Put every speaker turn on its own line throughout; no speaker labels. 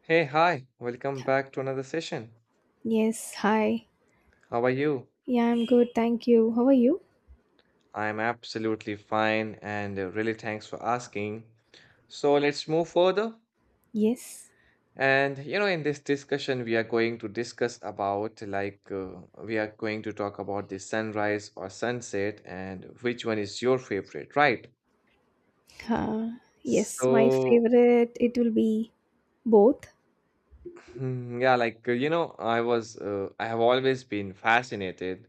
Hey, hi, welcome back to another session.
Yes, hi.
How are you?
Yeah, I'm good. Thank you. How are you?
I'm absolutely fine and really thanks for asking. So let's move further.
Yes.
And you know, in this discussion, we are going to discuss about we are going to talk about the sunrise or sunset and which one is your favorite, right?
Uh, yes, my
So
favorite it will be both.
hmm, yeah, you know, I have always been fascinated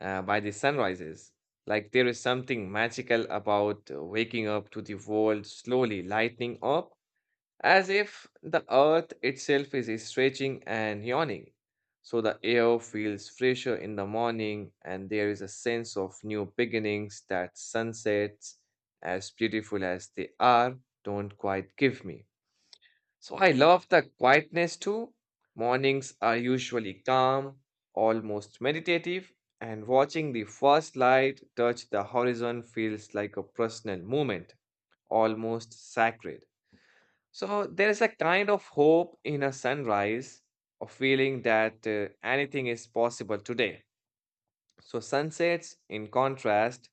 by the sunrises. Like there is something magical about waking up to the world slowly lighting up, as if the earth itself is stretching and yawning. So the air feels fresher in the morning, and there is a sense of new beginnings that sunsets, as beautiful as they are, don't quite give me. So I love the quietness too. Mornings are usually calm, almost meditative, and watching the first light touch the horizon feels like a personal moment, almost sacred. So there is a kind of hope in a sunrise, a feeling that anything is possible today. So sunsets, in contrast,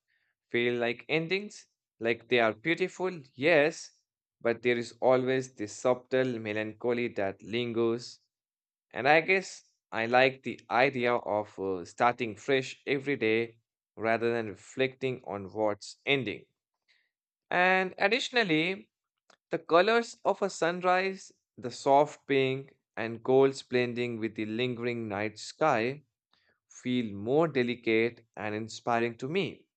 feel like endings, like they are beautiful, yes, but there is always this subtle melancholy that lingers. And I guess I like the idea of starting fresh every day rather than reflecting on what's ending. And additionally, the colors of a sunrise, the soft pink and golds blending with the lingering night sky, feel more delicate and inspiring to me.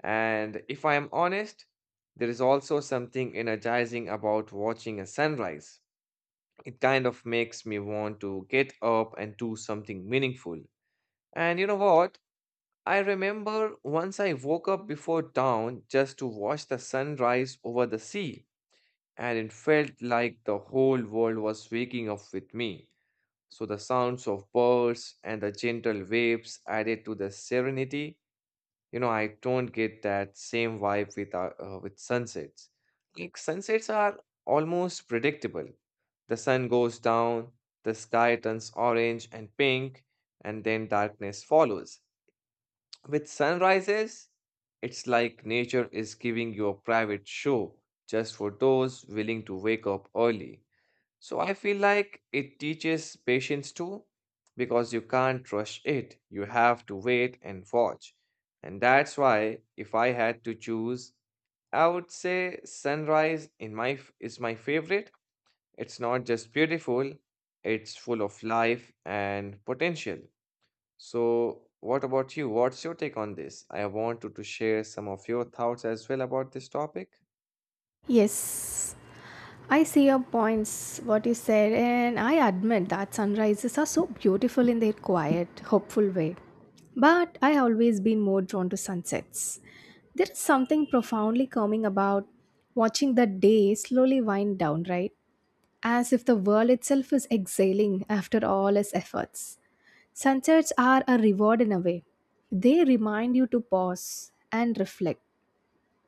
And if I am honest, there is also something energizing about watching a sunrise. It kind of makes me want to get up and do something meaningful. And you know what? I remember once I woke up before dawn just to watch the sunrise over the sea, and it felt like the whole world was waking up with me. So the sounds of birds and the gentle waves added to the serenity. You know, I don't get that same vibe with sunsets. Like sunsets are almost predictable. The sun goes down, the sky turns orange and pink, and then darkness follows. With sunrises, it's like nature is giving you a private show just for those willing to wake up early. So I feel like it teaches patience too, because you can't rush it. You have to wait and watch. And that's why, if I had to choose, I would say sunrise is my favorite. It's not just beautiful, it's full of life and potential. So, what about you? What's your take on this? I want you to share some of your thoughts as well about this topic.
Yes. I see your points, what you said, and I admit that sunrises are so beautiful in their quiet, hopeful way. But I always been more drawn to sunsets. There is something profoundly calming about watching the day slowly wind down, right? As if the world itself is exhaling after all its efforts. Sunsets are a reward in a way. They remind you to pause and reflect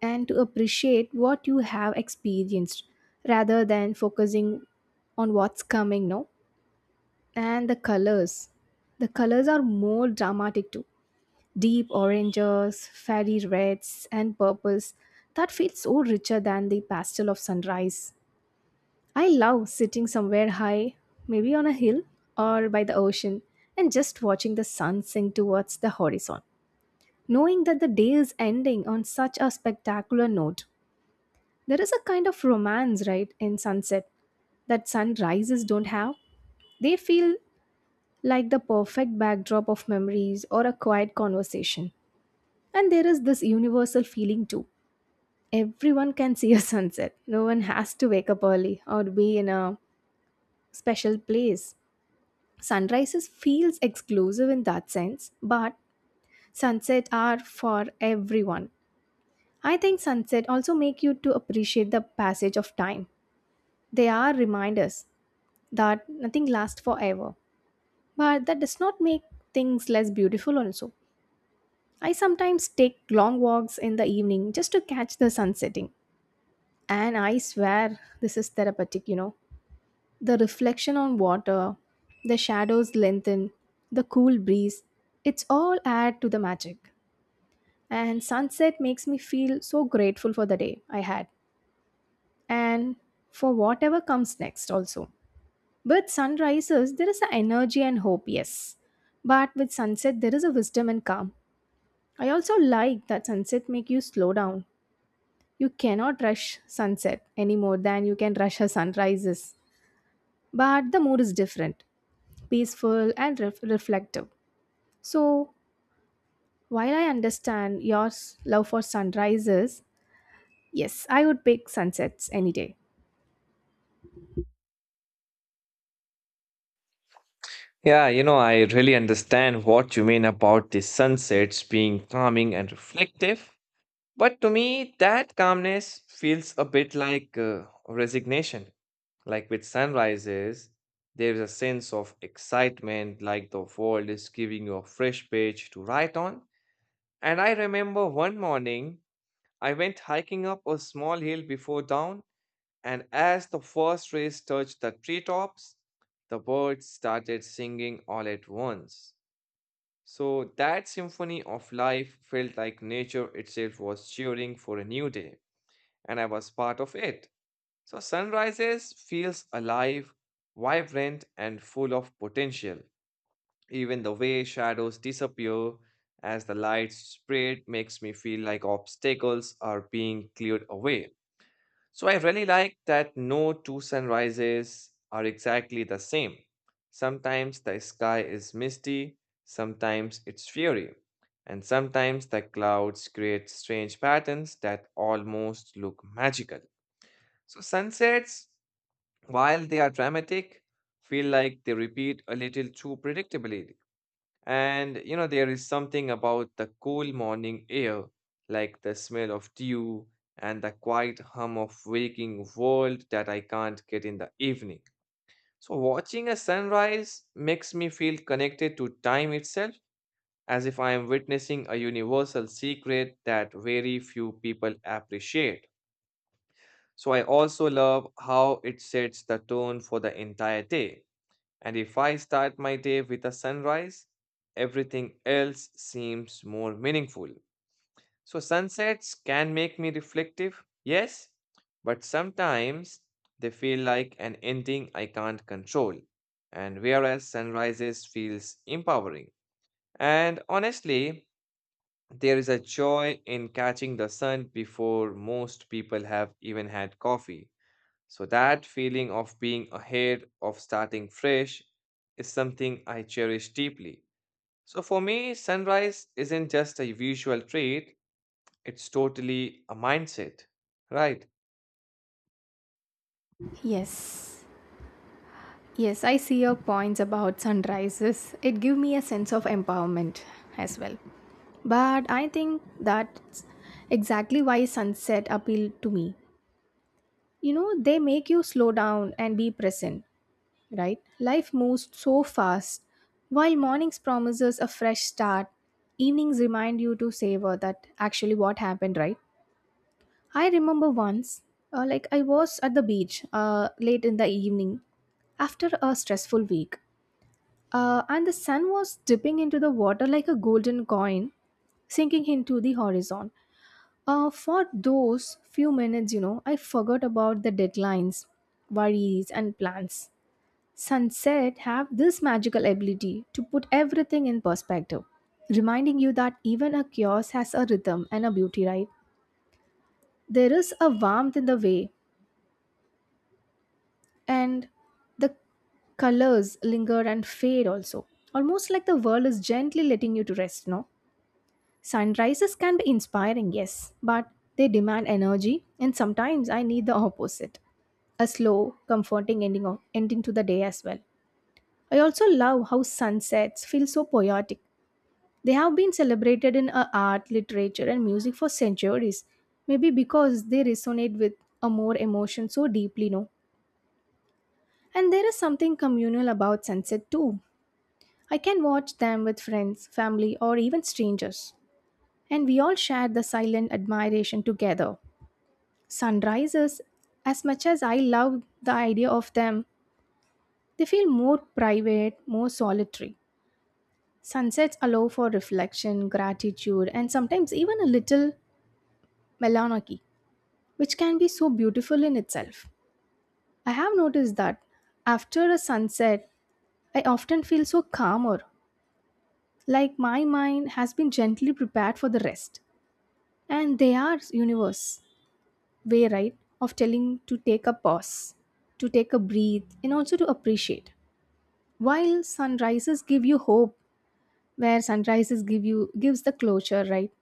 and to appreciate what you have experienced rather than focusing on what's coming, no? And the colors. The colors are more dramatic too. Deep oranges, fairy reds, and purples that feel so richer than the pastel of sunrise. I love sitting somewhere high, maybe on a hill or by the ocean, and just watching the sun sink towards the horizon. Knowing that the day is ending on such a spectacular note, there is a kind of romance, right, in sunset that sunrises don't have. They feel like the perfect backdrop of memories or a quiet conversation. And there is this universal feeling too. Everyone can see a sunset. No one has to wake up early or be in a special place. Sunrises feels exclusive in that sense, but sunset are for everyone. I think sunset also make you to appreciate the passage of time. They are reminders that nothing lasts forever, but that does not make things less beautiful also. I sometimes take long walks in the evening just to catch the sun setting, and I swear this is therapeutic, you know. The reflection on water, the shadows lengthen, the cool breeze, it's all add to the magic. And sunset makes me feel so grateful for the day I had and for whatever comes next also. With sunrises, there is an energy and hope, yes. But with sunset, there is a wisdom and calm. I also like that sunset make you slow down. You cannot rush sunset any more than you can rush a sunrises. But the mood is different. Peaceful and reflective. So, while I understand your love for sunrises, yes, I would pick sunsets any day.
Yeah, you know, I really understand what you mean about the sunsets being calming and reflective. But to me, that calmness feels a bit like resignation. Like with sunrises, there's a sense of excitement, like the world is giving you a fresh page to write on. And I remember one morning, I went hiking up a small hill before dawn and as the first rays touched the treetops, the birds started singing all at once. So that symphony of life felt like nature itself was cheering for a new day, and I was part of it. So sunrises feels alive, vibrant, and full of potential. Even the way shadows disappear as the light spread makes me feel like obstacles are being cleared away. So I really like that no two sunrises are exactly the same. Sometimes the sky is misty, sometimes it's fiery, and sometimes the clouds create strange patterns that almost look magical. So sunsets, while they are dramatic, feel like they repeat a little too predictably and you know, there is something about the cool morning air, like the smell of dew and the quiet hum of waking world that I can't get in the evening. So watching a sunrise makes me feel connected to time itself, as if I am witnessing a universal secret that very few people appreciate. So I also love how it sets the tone for the entire day and if I start my day with a sunrise, everything else seems more meaningful. So, sunsets can make me reflective, yes, but sometimes they feel like an ending I can't control. And whereas sunrises feels empowering. And honestly, there is a joy in catching the sun before most people have even had coffee. So, that feeling of being ahead, of starting fresh, is something I cherish deeply. So, for me, sunrise isn't just a visual trait, it's totally a mindset. Right.
Yes. Yes, I see your points about sunrises. It give me a sense of empowerment as well. But I think that's exactly why sunset appeal to me. You know, they make you slow down and be present. Right? Life moves so fast. While mornings promises a fresh start, evenings remind you to savor that actually what happened, right? I remember once, like I was at the beach late in the evening after a stressful week, and the sun was dipping into the water like a golden coin sinking into the horizon. For those few minutes, you know, I forgot about the deadlines, worries, and plans. Sunset have this magical ability to put everything in perspective, reminding you that even a chaos has a rhythm and a beauty, right? There is a warmth in the way, and the colors linger and fade also. Almost like the world is gently letting you to rest, no? Sunrises can be inspiring, yes, but they demand energy, and sometimes I need the opposite a slow, comforting ending, of, ending to the day as well. I also love how sunsets feel so poetic. They have been celebrated in art, literature, and music for centuries, maybe because they resonate with a more emotion so deeply, no? And there is something communal about sunset too. I can watch them with friends, family, or even strangers. And we all share the silent admiration together. Sunrises, as much as I love the idea of them, they feel more private, more solitary. Sunsets allow for reflection, gratitude, and sometimes even a little melancholy, which can be so beautiful in itself. I have noticed that after a sunset, I often feel so calmer, like my mind has been gently prepared for the rest. And they are universe way, right, of telling to take a pause, to take a breathe, and also to appreciate. While sunrises give you hope, where sunrises give you gives the closure, right?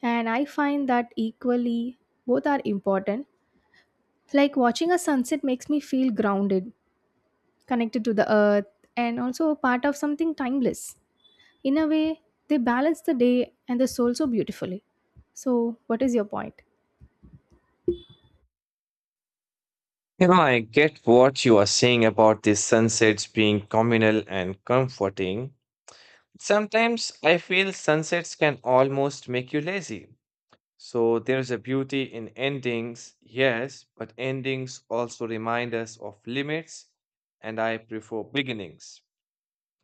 And I find that equally both are important. Like watching a sunset makes me feel grounded connected to the earth, and also a part of something timeless. In a way, they balance the day and the soul so beautifully. So, what is your point?
You know, I get what you are saying about these sunsets being communal and comforting. Sometimes I feel sunsets can almost make you lazy. So there's a beauty in endings, yes, but endings also remind us of limits, and I prefer beginnings.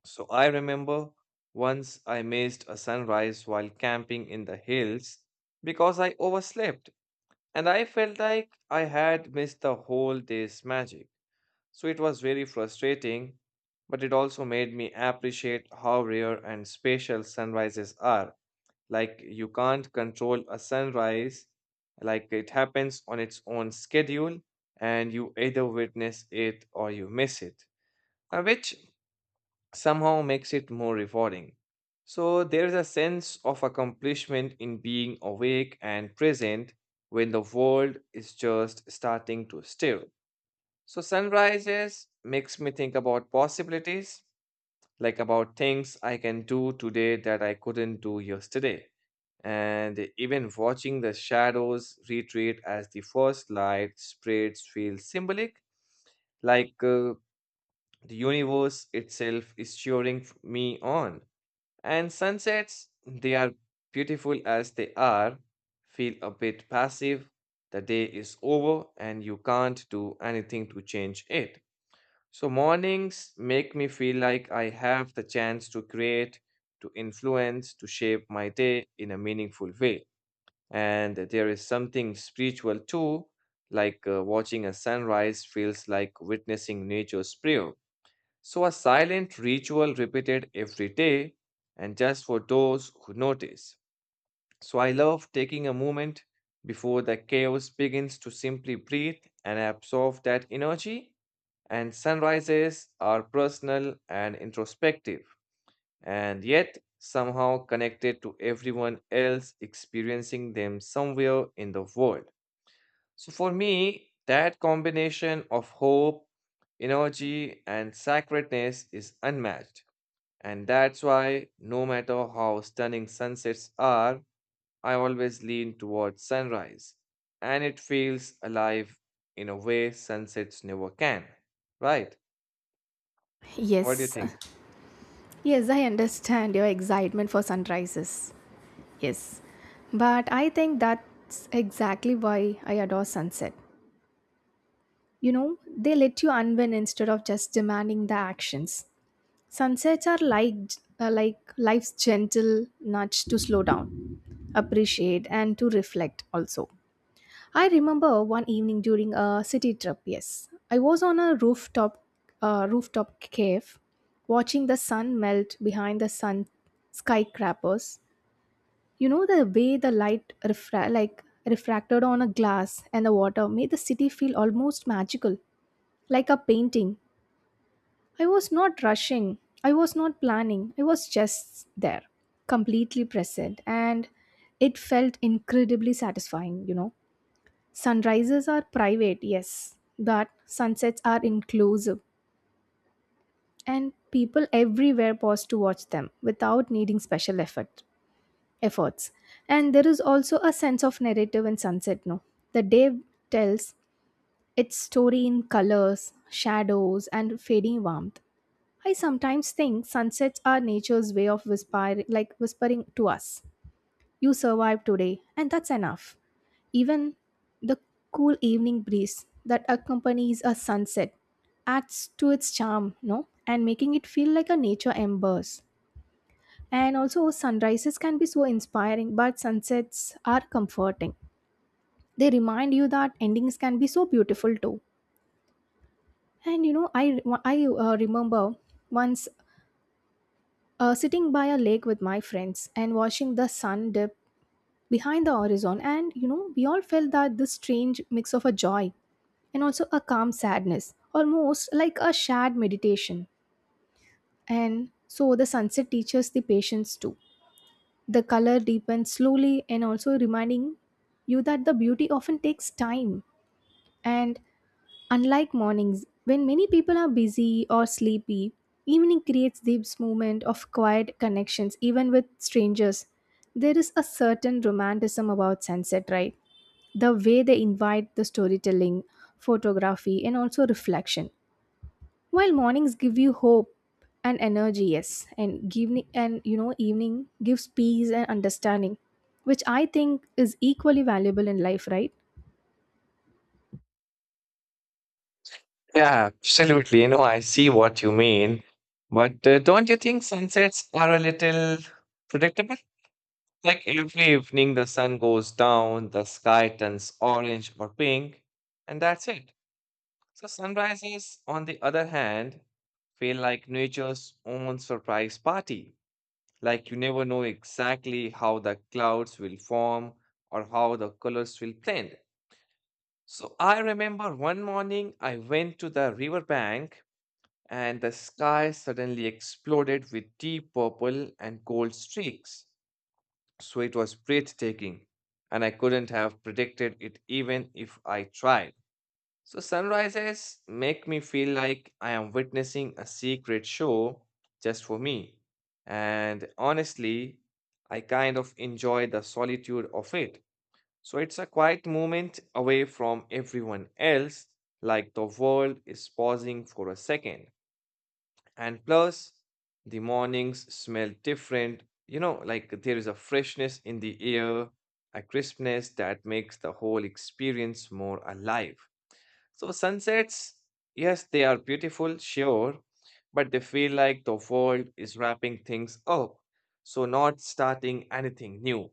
So I remember once I missed a sunrise while camping in the hills because I overslept and I felt like I had missed the whole day's magic. So it was very frustrating, but it also made me appreciate how rare and special sunrises are. Like you can't control a sunrise, like it happens on its own schedule, and you either witness it or you miss it, which somehow makes it more rewarding. So there's a sense of accomplishment in being awake and present when the world is just starting to stir. So sunrises makes me think about possibilities, like about things I can do today that I couldn't do yesterday and even watching the shadows retreat as the first light spreads feels symbolic, like uh, the universe itself is me on. And sunsets, they are beautiful as they are, feel a bit passive. The day is over and you can't do anything to change it. So, mornings make me feel like I have the chance to create, to influence, to shape my day in a meaningful way. And there is something spiritual too, watching a sunrise feels like witnessing nature's prayer. So, a silent ritual repeated every day and just for those who notice. So, I love taking a moment before the chaos begins to simply breathe and absorb that energy. And sunrises are personal and introspective, and yet somehow connected to everyone else experiencing them somewhere in the world. So for me, that combination of hope, energy, and sacredness is unmatched. And that's why, no matter how stunning sunsets are, I always lean towards sunrise. And it feels alive in a way sunsets never can. Right? What do
Yes,
you think?
yes, I understand your excitement for sunrises. Yes, but I think that's exactly why I adore sunset. You know, they let you unwind instead of just demanding the actions. Sunsets are like life's gentle nudge to slow down, appreciate, and to reflect also. I remember one evening during a city trip. Yes, I was on a rooftop, rooftop cave, watching the sun melt behind the sun skyscrapers. You know the way the light refracted on a glass and the water made the city feel almost magical, like a painting. I was not rushing. I was not planning. I was just there, completely present, and it felt incredibly satisfying, you know. Sunrises are private, yes, but sunsets are inclusive, and people everywhere pause to watch them without needing special efforts. And there is also a sense of narrative in sunset, no? The day tells its story in colors, shadows, and fading warmth. I sometimes think sunsets are nature's way of whispering, like whispering to us. You survived today, and that's enough. Even the cool evening breeze that accompanies a sunset adds to its charm, no? And making it feel like a nature embers. And also, sunrises can be so inspiring, but sunsets are comforting. They remind you that endings can be so beautiful too. And you know, I remember once sitting by a lake with my friends and watching the sun dip behind the horizon, and you know we all felt that this strange mix of a joy and also a calm sadness, almost like a shared meditation. And so the sunset teaches the patience too. The color deepens slowly and also reminding you that the beauty often takes time. And unlike mornings when many people are busy or sleepy, evening creates this moment of quiet connections even with strangers. There is a certain romanticism about sunset, right, the way they invite the storytelling, photography, and also reflection. While mornings give you hope and energy, yes, and evening and you know evening gives peace and understanding, which I think is equally valuable in life, right?
Yeah, absolutely. You know, I see what you mean. But don't you think sunsets are a little predictable? Like every evening, the sun goes down, the sky turns orange or pink, and that's it. So, sunrises, on the other hand, feel like nature's own surprise party. Like you never know exactly how the clouds will form or how the colors will blend. So, I remember one morning I went to the riverbank and the sky suddenly exploded with deep purple and gold streaks. So it was breathtaking, and I couldn't have predicted it even if I tried. So sunrises make me feel like I am witnessing a secret show just for me. And honestly, I kind of enjoy the solitude of it. So it's a quiet moment away from everyone else, like the world is pausing for a second. And plus, the mornings smell different. You know, like there is a freshness in the air, a crispness that makes the whole experience more alive. So, sunsets, yes, they are beautiful, sure, but they feel like the world is wrapping things up. So, not starting anything new.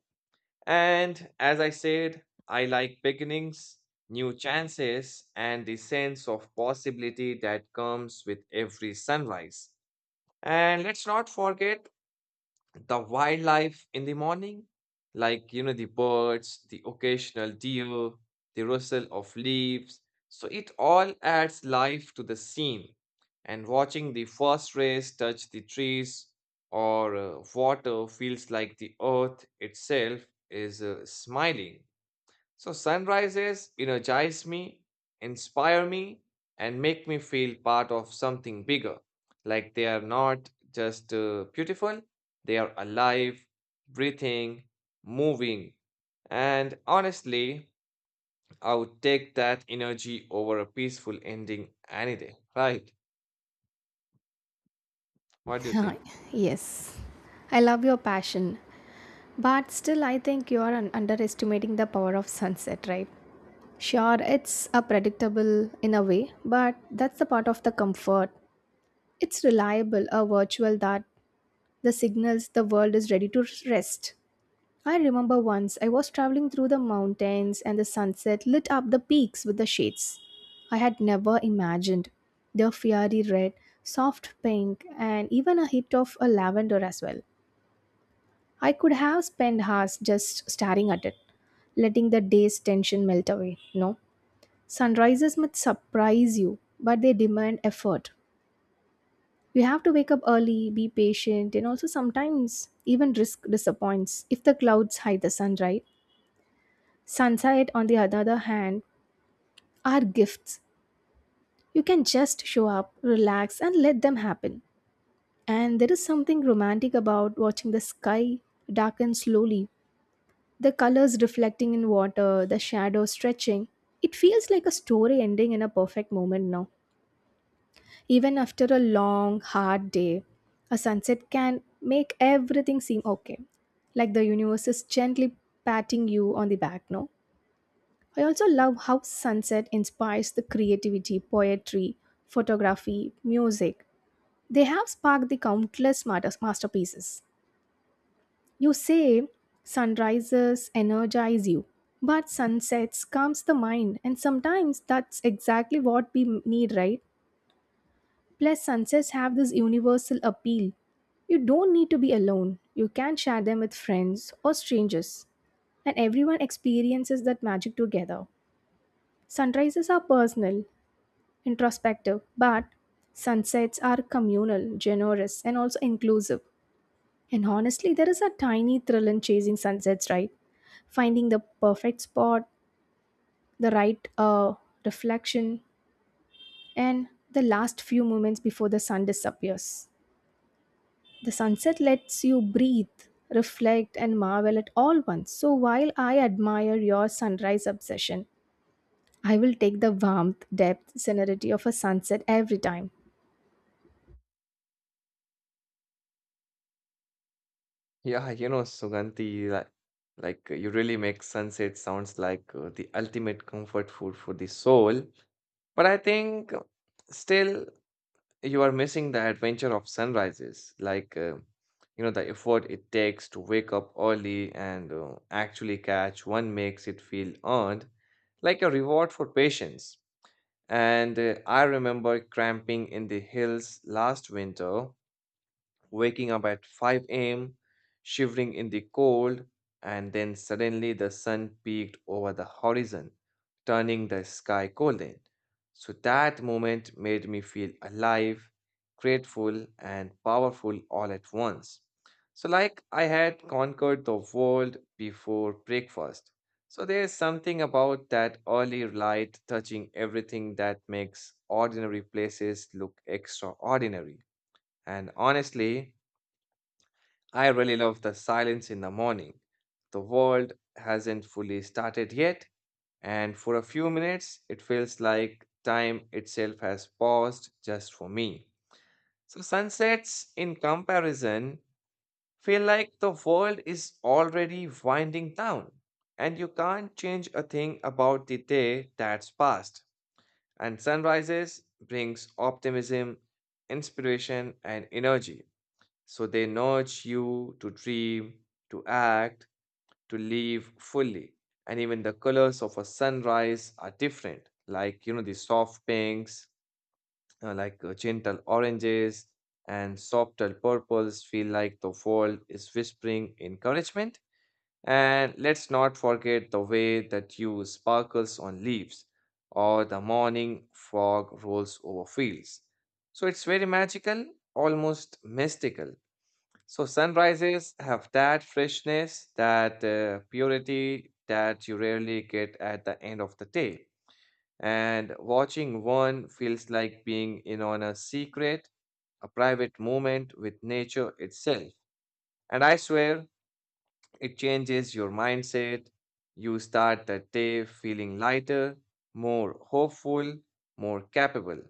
And as I said, I like beginnings, new chances, and the sense of possibility that comes with every sunrise. And let's not forget the wildlife in the morning, like, you know, the birds, the occasional deer, the rustle of leaves. So it all adds life to the scene. And watching the first rays touch the trees or water feels like the earth itself is smiling. So sunrises energize me, inspire me, and make me feel part of something bigger. Like they are not just beautiful, they are alive, breathing, moving. And honestly, I would take that energy over a peaceful ending any day, right? What do you
Hi,
think?
yes, I love your passion, but still I think you are underestimating the power of sunset, right? Sure, it's a predictable in a way, but that's the part of the comfort. It's reliable, a virtual that the signals the world is ready to rest. I remember once I was traveling through the mountains and the sunset lit up the peaks with the shades. I had never imagined the fiery red, soft pink, and even a hint of a lavender as well. I could have spent hours just staring at it, letting the day's tension melt away. No, sunrises might surprise you, but they demand effort. You have to wake up early, be patient, and also sometimes even risk disappoints if the clouds hide the sun, right? Sunset, on the other hand, are gifts. You can just show up, relax, and let them happen. And there is something romantic about watching the sky darken slowly, the colors reflecting in water, the shadows stretching. It feels like a story ending in a perfect moment now. Even after a long, hard day, a sunset can make everything seem okay. Like the universe is gently patting you on the back, no? I also love how sunset inspires the creativity, poetry, photography, music. They have sparked the countless masterpieces. You say sunrises energize you, but sunsets calms the mind, and sometimes that's exactly what we need, right? Plus, sunsets have this universal appeal. You don't need to be alone, you can share them with friends or strangers, and everyone experiences that magic together. Sunrises are personal, introspective, but sunsets are communal, generous, and also inclusive. And honestly, there is a tiny thrill in chasing sunsets, right? Finding the perfect spot, the right reflection, and the last few moments before the sun disappears. The sunset lets you breathe, reflect, and marvel at all once. So while I admire your sunrise obsession, I will take the warmth, depth, serenity of a sunset every time.
Yeah, you know, Suganti, you really make sunset sounds like the ultimate comfort food for the soul. But I think still you are missing the adventure of sunrises, you know, the effort it takes to wake up early and actually catch one makes it feel earned, like a reward for patience. And I remember cramping in the hills last winter waking up at 5 a.m., shivering in the cold, and then suddenly the sun peeked over the horizon, turning the sky golden. So that moment made me feel alive, grateful, and powerful all at once. So, like I had conquered the world before breakfast. So, there's something about that early light touching everything that makes ordinary places look extraordinary. And honestly, I really love the silence in the morning. The world hasn't fully started yet, and for a few minutes, it feels like time itself has paused just for me. So sunsets, in comparison, feel like the world is already winding down, and you can't change a thing about the day that's passed. And sunrises brings optimism, inspiration, and energy. So they nudge you to dream, to act, to live fully. And even the colors of a sunrise are different, like, you know, the soft pinks, gentle oranges, and softer purples feel like the world is whispering encouragement. And let's not forget the way that you sparkles on leaves or the morning fog rolls over fields. So it's very magical, almost mystical. So sunrises have that freshness, that purity that you rarely get at the end of the day. And watching one feels like being in on a secret, a private moment with nature itself. And I swear, it changes your mindset. You start the day feeling lighter, more hopeful, more capable.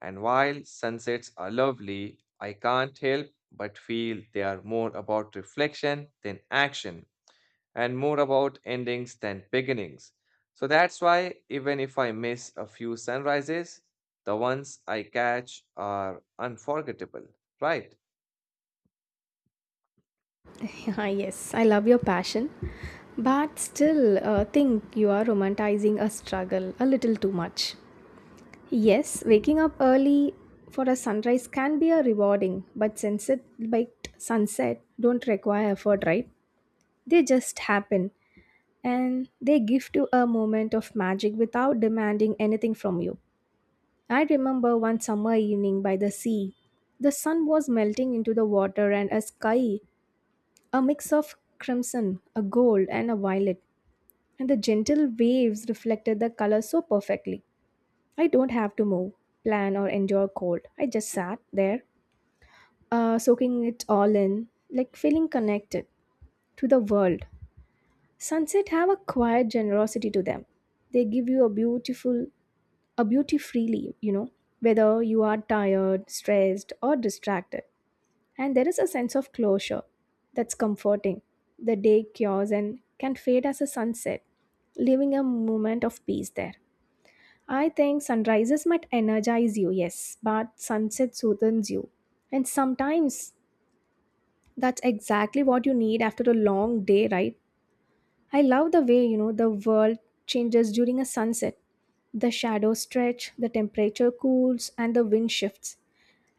And while sunsets are lovely, I can't help but feel they are more about reflection than action and more about endings than beginnings. So that's why, even if I miss a few sunrises, the ones I catch are unforgettable, right?
Ah, yes, I love your passion, but still think you are romanticizing a struggle a little too much. Yes, waking up early for a sunrise can be a rewarding, but but sunset don't require effort, right? They just happen, and they give you a moment of magic without demanding anything from you. I remember one summer evening by the sea. The sun was melting into the water and a sky, a mix of crimson, a gold, and a violet, and the gentle waves reflected the color so perfectly. I don't have to move, plan, or endure cold. I just sat there, soaking it all in, like feeling connected to the world. Sunset have a quiet generosity to them. They give you a beauty freely, you know, whether you are tired, stressed, or distracted. And there is a sense of closure that's comforting. The day cures and can fade as a sunset, leaving a moment of peace there. I think sunrises might energize you, yes, but sunset soothes you. And sometimes that's exactly what you need after a long day, right? I love the way, you know, the world changes during a sunset. The shadows stretch, the temperature cools, and the wind shifts.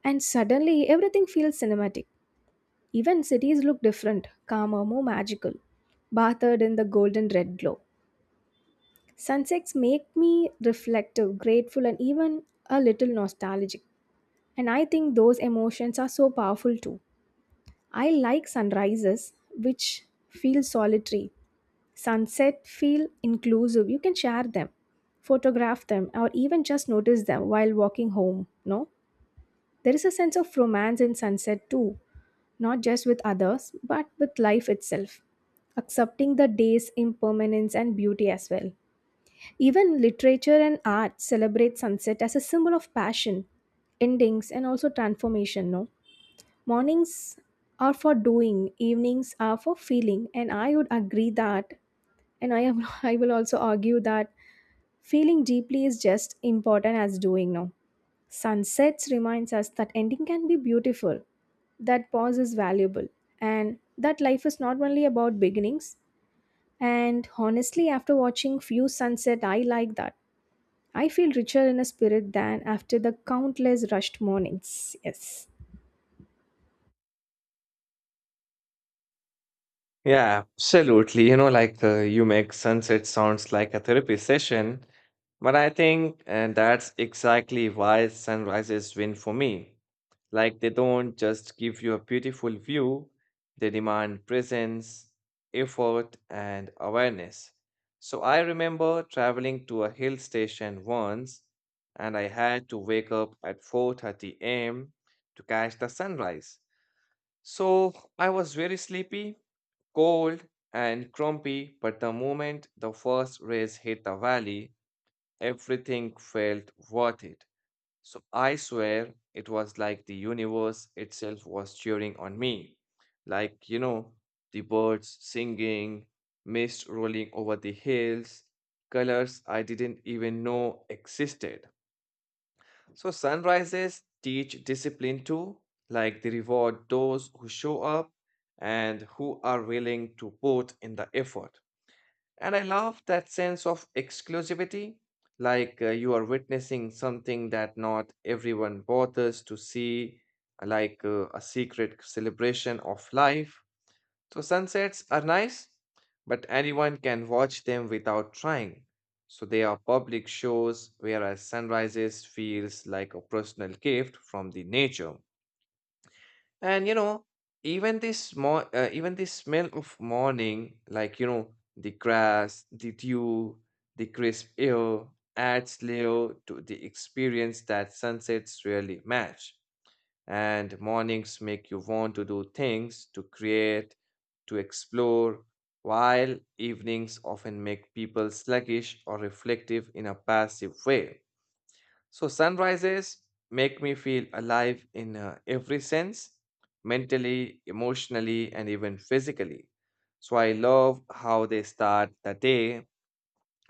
And suddenly, everything feels cinematic. Even cities look different, calmer, more magical, bathed in the golden red glow. Sunsets make me reflective, grateful, and even a little nostalgic. And I think those emotions are so powerful too. I like sunrises, which feel solitary. Sunset feel inclusive, you can share them, photograph them, or even just notice them while walking home, no? There is a sense of romance in sunset too, not just with others but with life itself, accepting the day's impermanence and beauty as well. Even literature and art celebrate sunset as a symbol of passion, endings, and also transformation, no? Mornings are for doing, evenings are for feeling, and I would agree that and I am I will also argue that feeling deeply is just important as doing now. Sunsets reminds us that ending can be beautiful, that pause is valuable, and that life is not only about beginnings. And honestly, after watching few sunset, I like that I feel richer in a spirit than after the countless rushed mornings. Yes.
Yeah, absolutely. You know, you make sunset sounds like a therapy session, but I think that's exactly why sunrises win for me. Like they don't just give you a beautiful view, they demand presence, effort, and awareness. So I remember traveling to a hill station once, and I had to wake up at 4:30 a.m. to catch the sunrise. So I was very sleepy, cold, and crumpy, but the moment the first rays hit the valley, everything felt worth it. So I swear it was like the universe itself was cheering on me. Like, you know, the birds singing, mist rolling over the hills, colors I didn't even know existed. So sunrises teach discipline too, like they reward those who show up and who are willing to put in the effort. And I love that sense of exclusivity, you are witnessing something that not everyone bothers to see, like a secret celebration of life. So sunsets are nice, but anyone can watch them without trying. So they are public shows, whereas sunrises feels like a personal gift from the nature. And you know, even the smell of morning, like you know, the grass, the dew, the crisp air, adds layer to the experience that sunsets really match and mornings make you want to do things, to create, to explore, while evenings often make people sluggish or reflective in a passive way. So sunrises make me feel alive in every sense, mentally, emotionally, and even physically. So I love how they start the day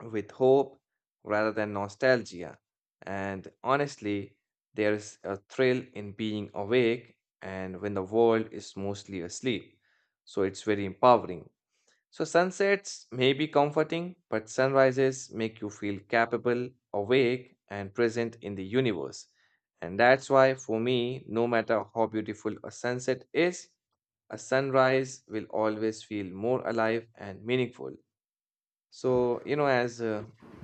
with hope rather than nostalgia. And honestly, there's a thrill in being awake and when the world is mostly asleep. So it's very empowering. So sunsets may be comforting, but sunrises make you feel capable, awake, and present in the universe. And that's why, for me, no matter how beautiful a sunset is, a sunrise will always feel more alive and meaningful. So, you know, as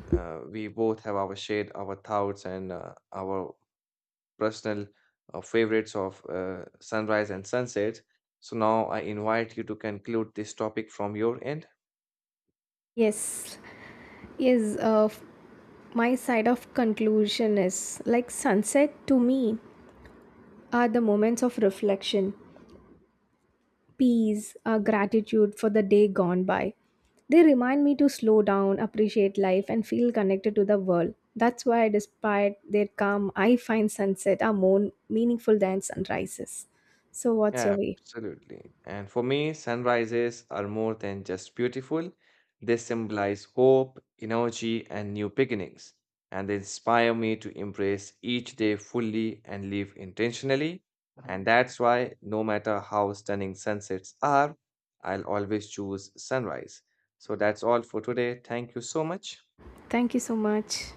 we both have our shared our thoughts and our personal favorites of sunrise and sunset, so now I invite you to conclude this topic from your end.
Yes yes uh, f- my side of conclusion is like sunset to me are the moments of reflection, peace, gratitude for the day gone by. They remind me to slow down, appreciate life, and feel connected to the world. That's why, despite their calm, I find sunset are more meaningful than sunrises. So, what's your
Yeah,
way?
absolutely. And for me, sunrises are more than just beautiful. They symbolize hope, energy, and new beginnings. And they inspire me to embrace each day fully and live intentionally. And that's why, no matter how stunning sunsets are, I'll always choose sunrise. So that's all for today. Thank you so much.
Thank you so much.